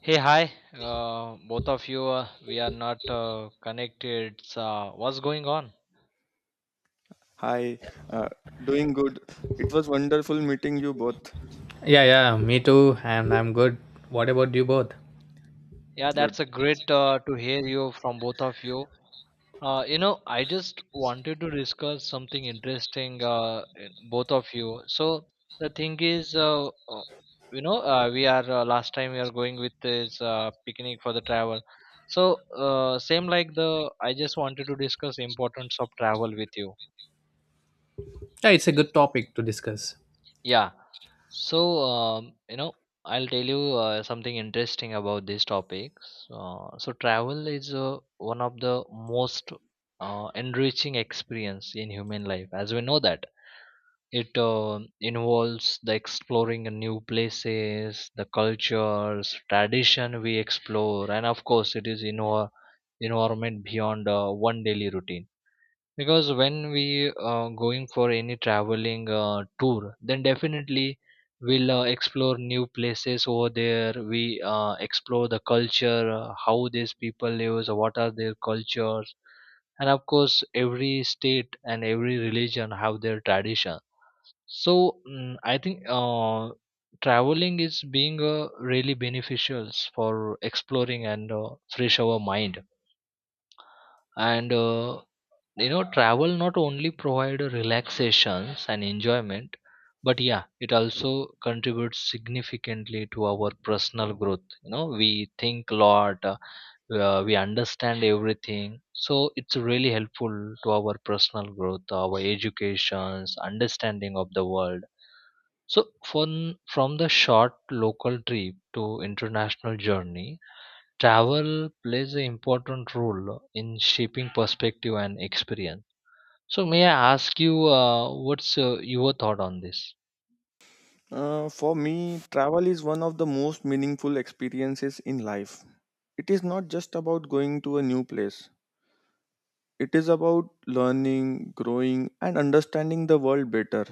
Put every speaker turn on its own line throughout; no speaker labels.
Hey, hi. Both of you, we are not connected. So what's going on?
Hi, uh, doing good. It was wonderful meeting you both.
Yeah, yeah, me too, and I'm good. What about you both?
Yeah, that's
Good.
a great to hear you from both of you. I just wanted to discuss something interesting, in both of you. So the thing is, we are last time we are going with this picnic for the travel. So same like the, I just wanted to discuss importance of travel with you.
Yeah, it's a good topic to discuss.
Yeah. So, I'll tell you something interesting about these topics. So, travel is one of the most enriching experience in human life, as we know that it involves the exploring new places, the cultures, tradition we explore, and of course, it is in our environment beyond one daily routine because when we going for any traveling tour, then definitely we'll explore new places over there, we explore the culture, how these people live, what are their cultures, and of course every state and every religion have their tradition. So I think traveling is being really beneficial for exploring and fresh our mind. And you know, travel not only provide relaxations and enjoyment, but yeah, it also contributes significantly to our personal growth. You know, we think a lot, we understand everything, so it's really helpful to our personal growth, our educations, understanding of the world. So from the short local trip to international journey, travel plays an important role in shaping perspective and experience. So may I ask you, what's your thought on this?
For me, travel is one of the most meaningful experiences in life. It is not just about going to a new place, it is about learning, growing, and understanding the world better.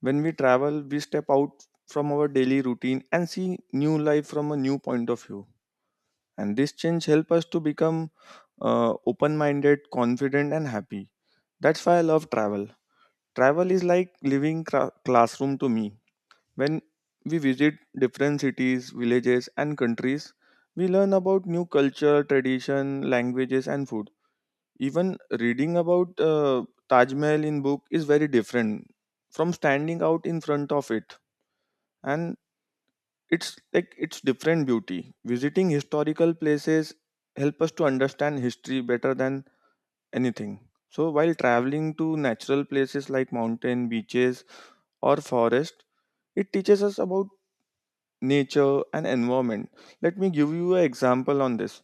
When we travel, we step out from our daily routine and see new life from a new point of view. And this change helps us to become open minded, confident, and happy. That's why I love travel. Travel is like living classroom to me. When we visit different cities, villages, and countries, we learn about new culture, tradition, languages, and food. Even reading about Taj Mahal in book is very different from standing out in front of it, and it's like it's different beauty. Visiting historical places help us to understand history better than anything. So while traveling to natural places like mountain, beaches, or forest, it teaches us about nature and environment. Let me give you an example on this.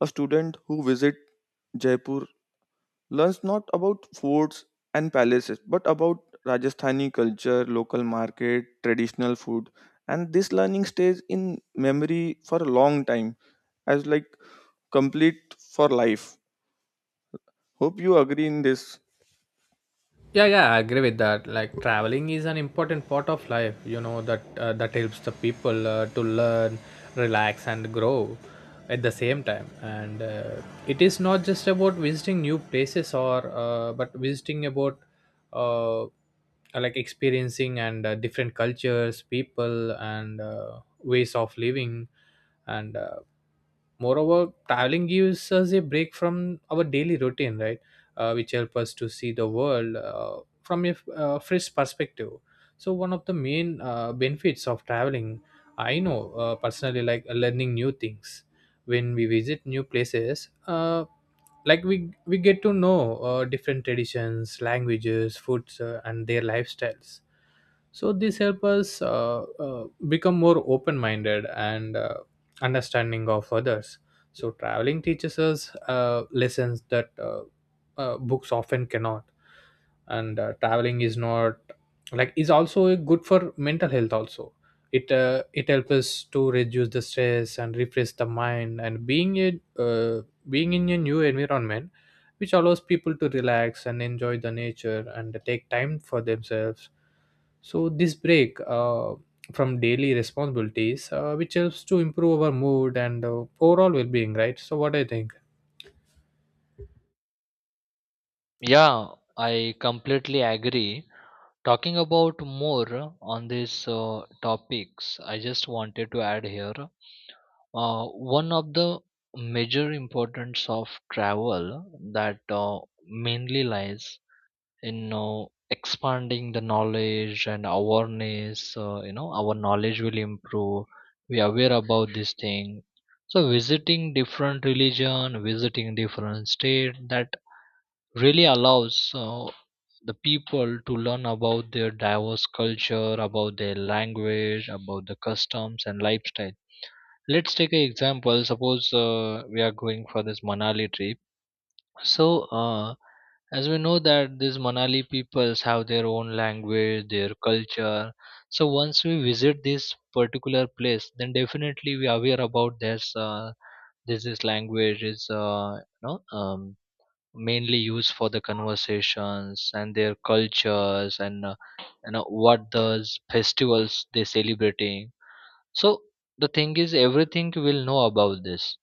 A student who visit Jaipur learns not about forts and palaces, but about Rajasthani culture, local market, traditional food, and this learning stays in memory for a long time as like complete for life. Hope you agree in this.
Yeah, yeah, I agree with that. Like traveling is an important part of life, you know, that that helps the people to learn, relax and grow at the same time. And It is not just about visiting new places or but visiting about uh, like experiencing and different cultures, people and ways of living and moreover traveling gives us a break from our daily routine, right? Which help us to see the world from a fresh perspective. So one of the main benefits of traveling, I know, personally, like learning new things. When we visit new places, like we get to know different traditions, languages, foods, and their lifestyles. So this help us become more open minded and understanding of others. So traveling teaches us lessons that books often cannot. And Traveling is not like is also good for mental health also. It helps us to reduce the stress and refresh the mind, and being a uh, being in a new environment, which allows people to relax and enjoy the nature and take time for themselves. So this break from daily responsibilities, which helps to improve our mood and overall well-being, right? So what do you think?
Yeah, I completely agree. Talking about more on these topics, I just wanted to add here one of the major importance of travel, that mainly lies, you know, expanding the knowledge and awareness. You know, our knowledge will improve, we are aware about this thing. So visiting different religion, visiting different state, that really allows the people to learn about their diverse culture, about their language, about the customs and lifestyle. Let's take an example, suppose we are going for this manali trip. So, as we know that these Manali peoples have their own language, their culture. So once we visit this particular place, then definitely we are aware about this. This language is mainly used for the conversations and their cultures, and you know what those festivals they celebrating. So the thing is, everything we'll know about this,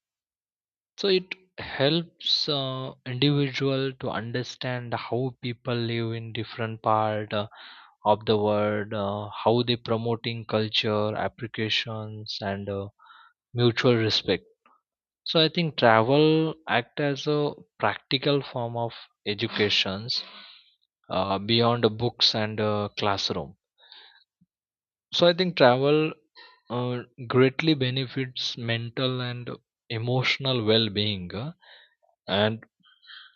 so it helps individual to understand how people live in different part of the world, how they promoting culture, applications, and mutual respect. So I think travel act as a practical form of educations beyond the books and classroom. So I think travel uh, greatly benefits mental and emotional well-being, and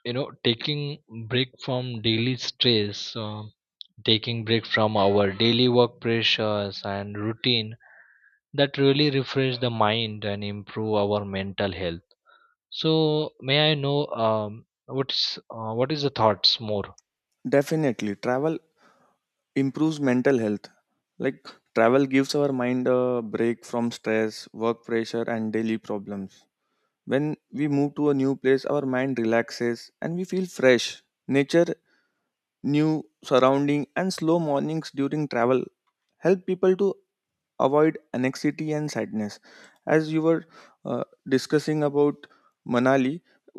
you know, taking break from daily stress, taking break from our daily work pressures and routine, that really refresh the mind and improve our mental health. So may I know, what's what is the thoughts more?
Definitely, travel improves mental health, like travel gives our mind a break from stress, work pressure, and daily problems. When we move to a new place, our mind relaxes and we feel fresh. Nature, new surrounding, and slow mornings during travel help people to avoid anxiety and sadness. As you were uh, discussing about Manali,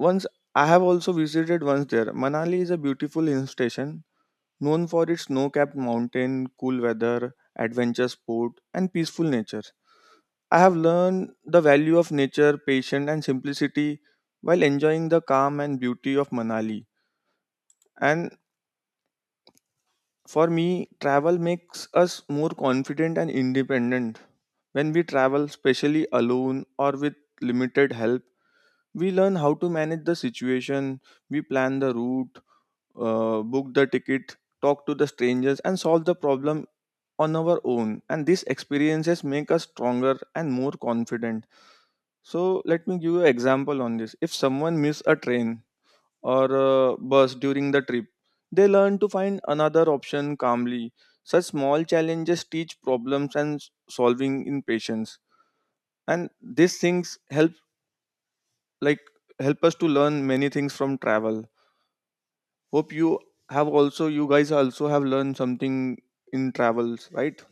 once I have also visited once there. Manali is a beautiful hill station known for its snow-capped mountain, cool weather, adventure sport, and peaceful nature. I have learned the value of nature, patience, and simplicity while enjoying the calm and beauty of Manali. And for me, travel makes us more confident and independent. When we travel, especially alone or with limited help, we learn how to manage the situation, we plan the route, book the ticket, talk to the strangers, and solve the problem on our own, and these experiences make us stronger and more confident. So let me give you an example on this. If someone miss a train or a bus during the trip, they learn to find another option calmly. Such small challenges teach problems and solving in patience. And these things help, like help us to learn many things from travel. Hope you have also, you guys also have learned something in travels, right?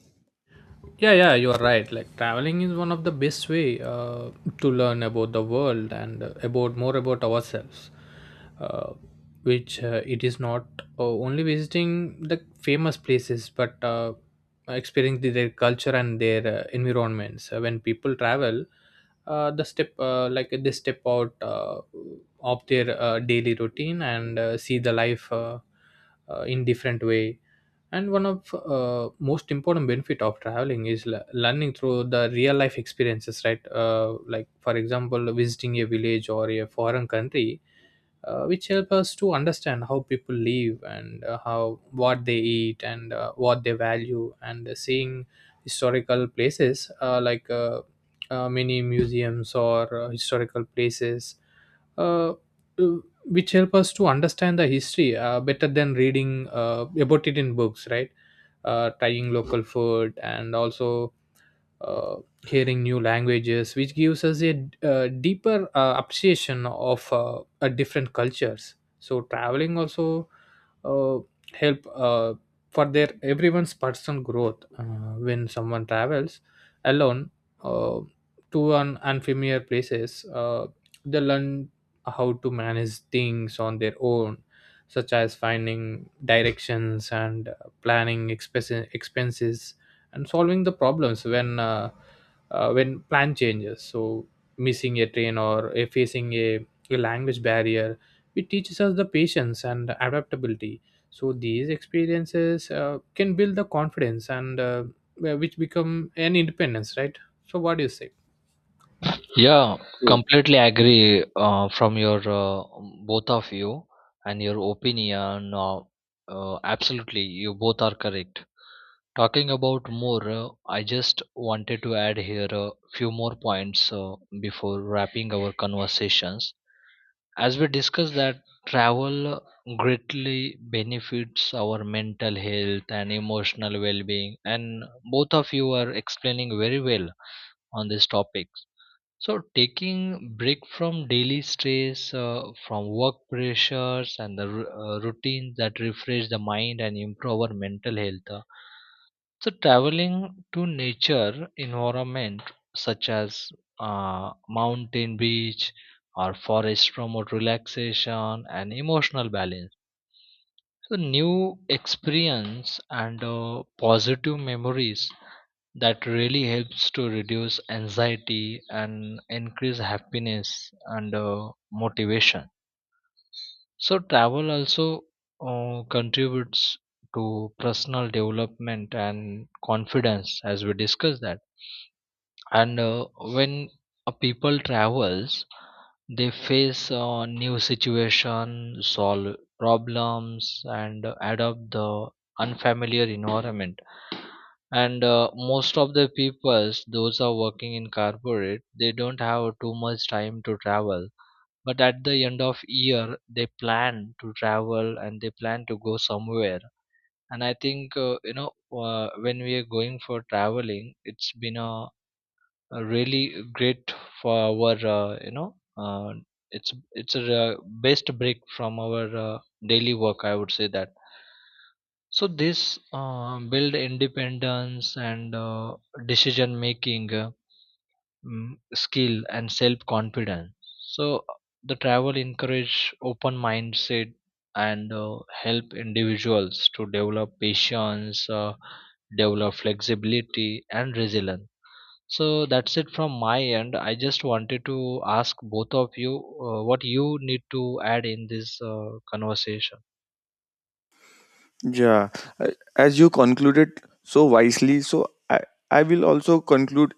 Yeah, yeah, you are right. Like traveling is one of the best way to learn about the world and about more about ourselves. uh, which it is not only visiting the famous places but experiencing their culture and their environments. When people travel, the step like they step out of their daily routine and see the life in different way. And one of most important benefit of traveling is learning through the real life experiences, right? Like for example, visiting a village or a foreign country, which help us to understand how people live and how what they eat and what they value, and seeing historical places, many museums or historical places, uh, which help us to understand the history better than reading about it in books, right? Trying local food and also hearing new languages, which gives us a, deeper appreciation of different cultures. So traveling also uh, help for their everyone's personal growth. When someone travels alone, uh, to an unfamiliar places, they learn how to manage things on their own, such as finding directions and planning expenses, and solving the problems when plan changes. So missing a train or facing a language barrier, it teaches us the patience and adaptability. So these experiences can build the confidence and which become an independence, right? So what do you say?
Yeah,
True.
completely agree from your both of you and your opinion, absolutely you both are correct. Talking about more, I just wanted to add here a few more points before wrapping our conversations. As we discussed that travel greatly benefits our mental health and emotional well-being, and both of you are explaining very well on these topics. So taking break from daily stress, from work pressures, and the routines, that refresh the mind and improve our mental health. So traveling to nature environment such as mountain beach or forest promote relaxation and emotional balance. So new experience and positive memories, that really helps to reduce anxiety and increase happiness and motivation. So travel also contributes to personal development and confidence, as we discussed that. And when a people travels, they face a new situation, solve problems, and adopt the unfamiliar environment. And most of the peoples those are working in corporate, they don't have too much time to travel, but at the end of year they plan to travel and they plan to go somewhere. And I think when we are going for traveling, it's been a really great for our you know it's a best break from our daily work, I would say that. So this build independence and decision making mm, skill and self confidence. So the travel encourage open mindset and help individuals to develop patience, develop flexibility and resilience. So that's it from my end. I just wanted to ask both of you what you need to add in this conversation.
Yeah, as you concluded so wisely, so I will also conclude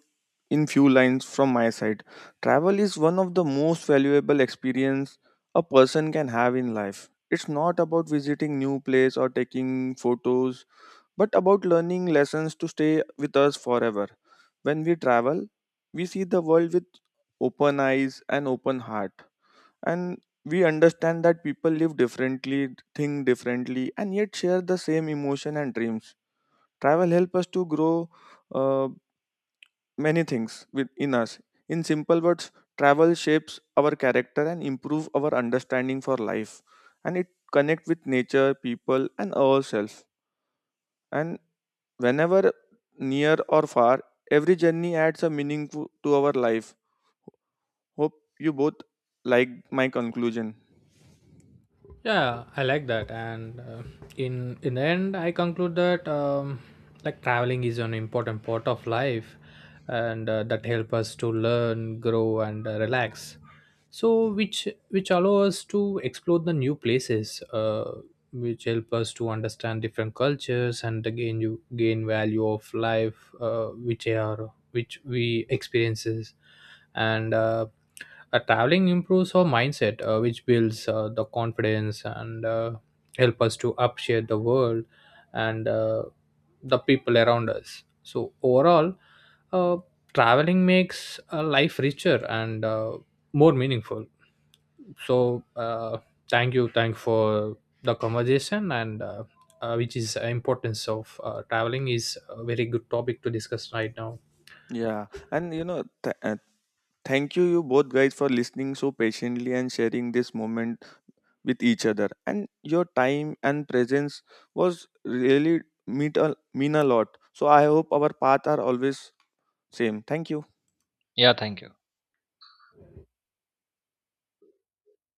in few lines from my side. Travel is one of the most valuable experience a person can have in life. It's not about visiting new place or taking photos, but about learning lessons to stay with us forever. When we travel, we see the world with open eyes and open heart, and we understand that people live differently, think differently, and yet share the same emotion and dreams. Travel helps us to grow uh, many things within us. In simple words, travel shapes our character and improve our understanding for life, and it connect with nature, people, and ourselves. And whenever near or far, every journey adds a meaning to our life. Hope you both like my conclusion.
Yeah, I like that, and in the end I conclude that like traveling is an important part of life, and that help us to learn, grow and relax. So which allow us to explore the new places, which help us to understand different cultures and gain, you gain value of life, which are which we experiences. And Traveling improves our mindset, which builds the confidence and help us to appreciate the world and the people around us. So overall, uh, traveling makes life richer and more meaningful. So thank you for the conversation, and which is importance of traveling is a very good topic to discuss right now.
Yeah, and you know, thank you, you both guys, for listening so patiently and sharing this moment with each other. And your time and presence was really mean a lot. So I hope our path are always same. Thank you.
Yeah, thank you.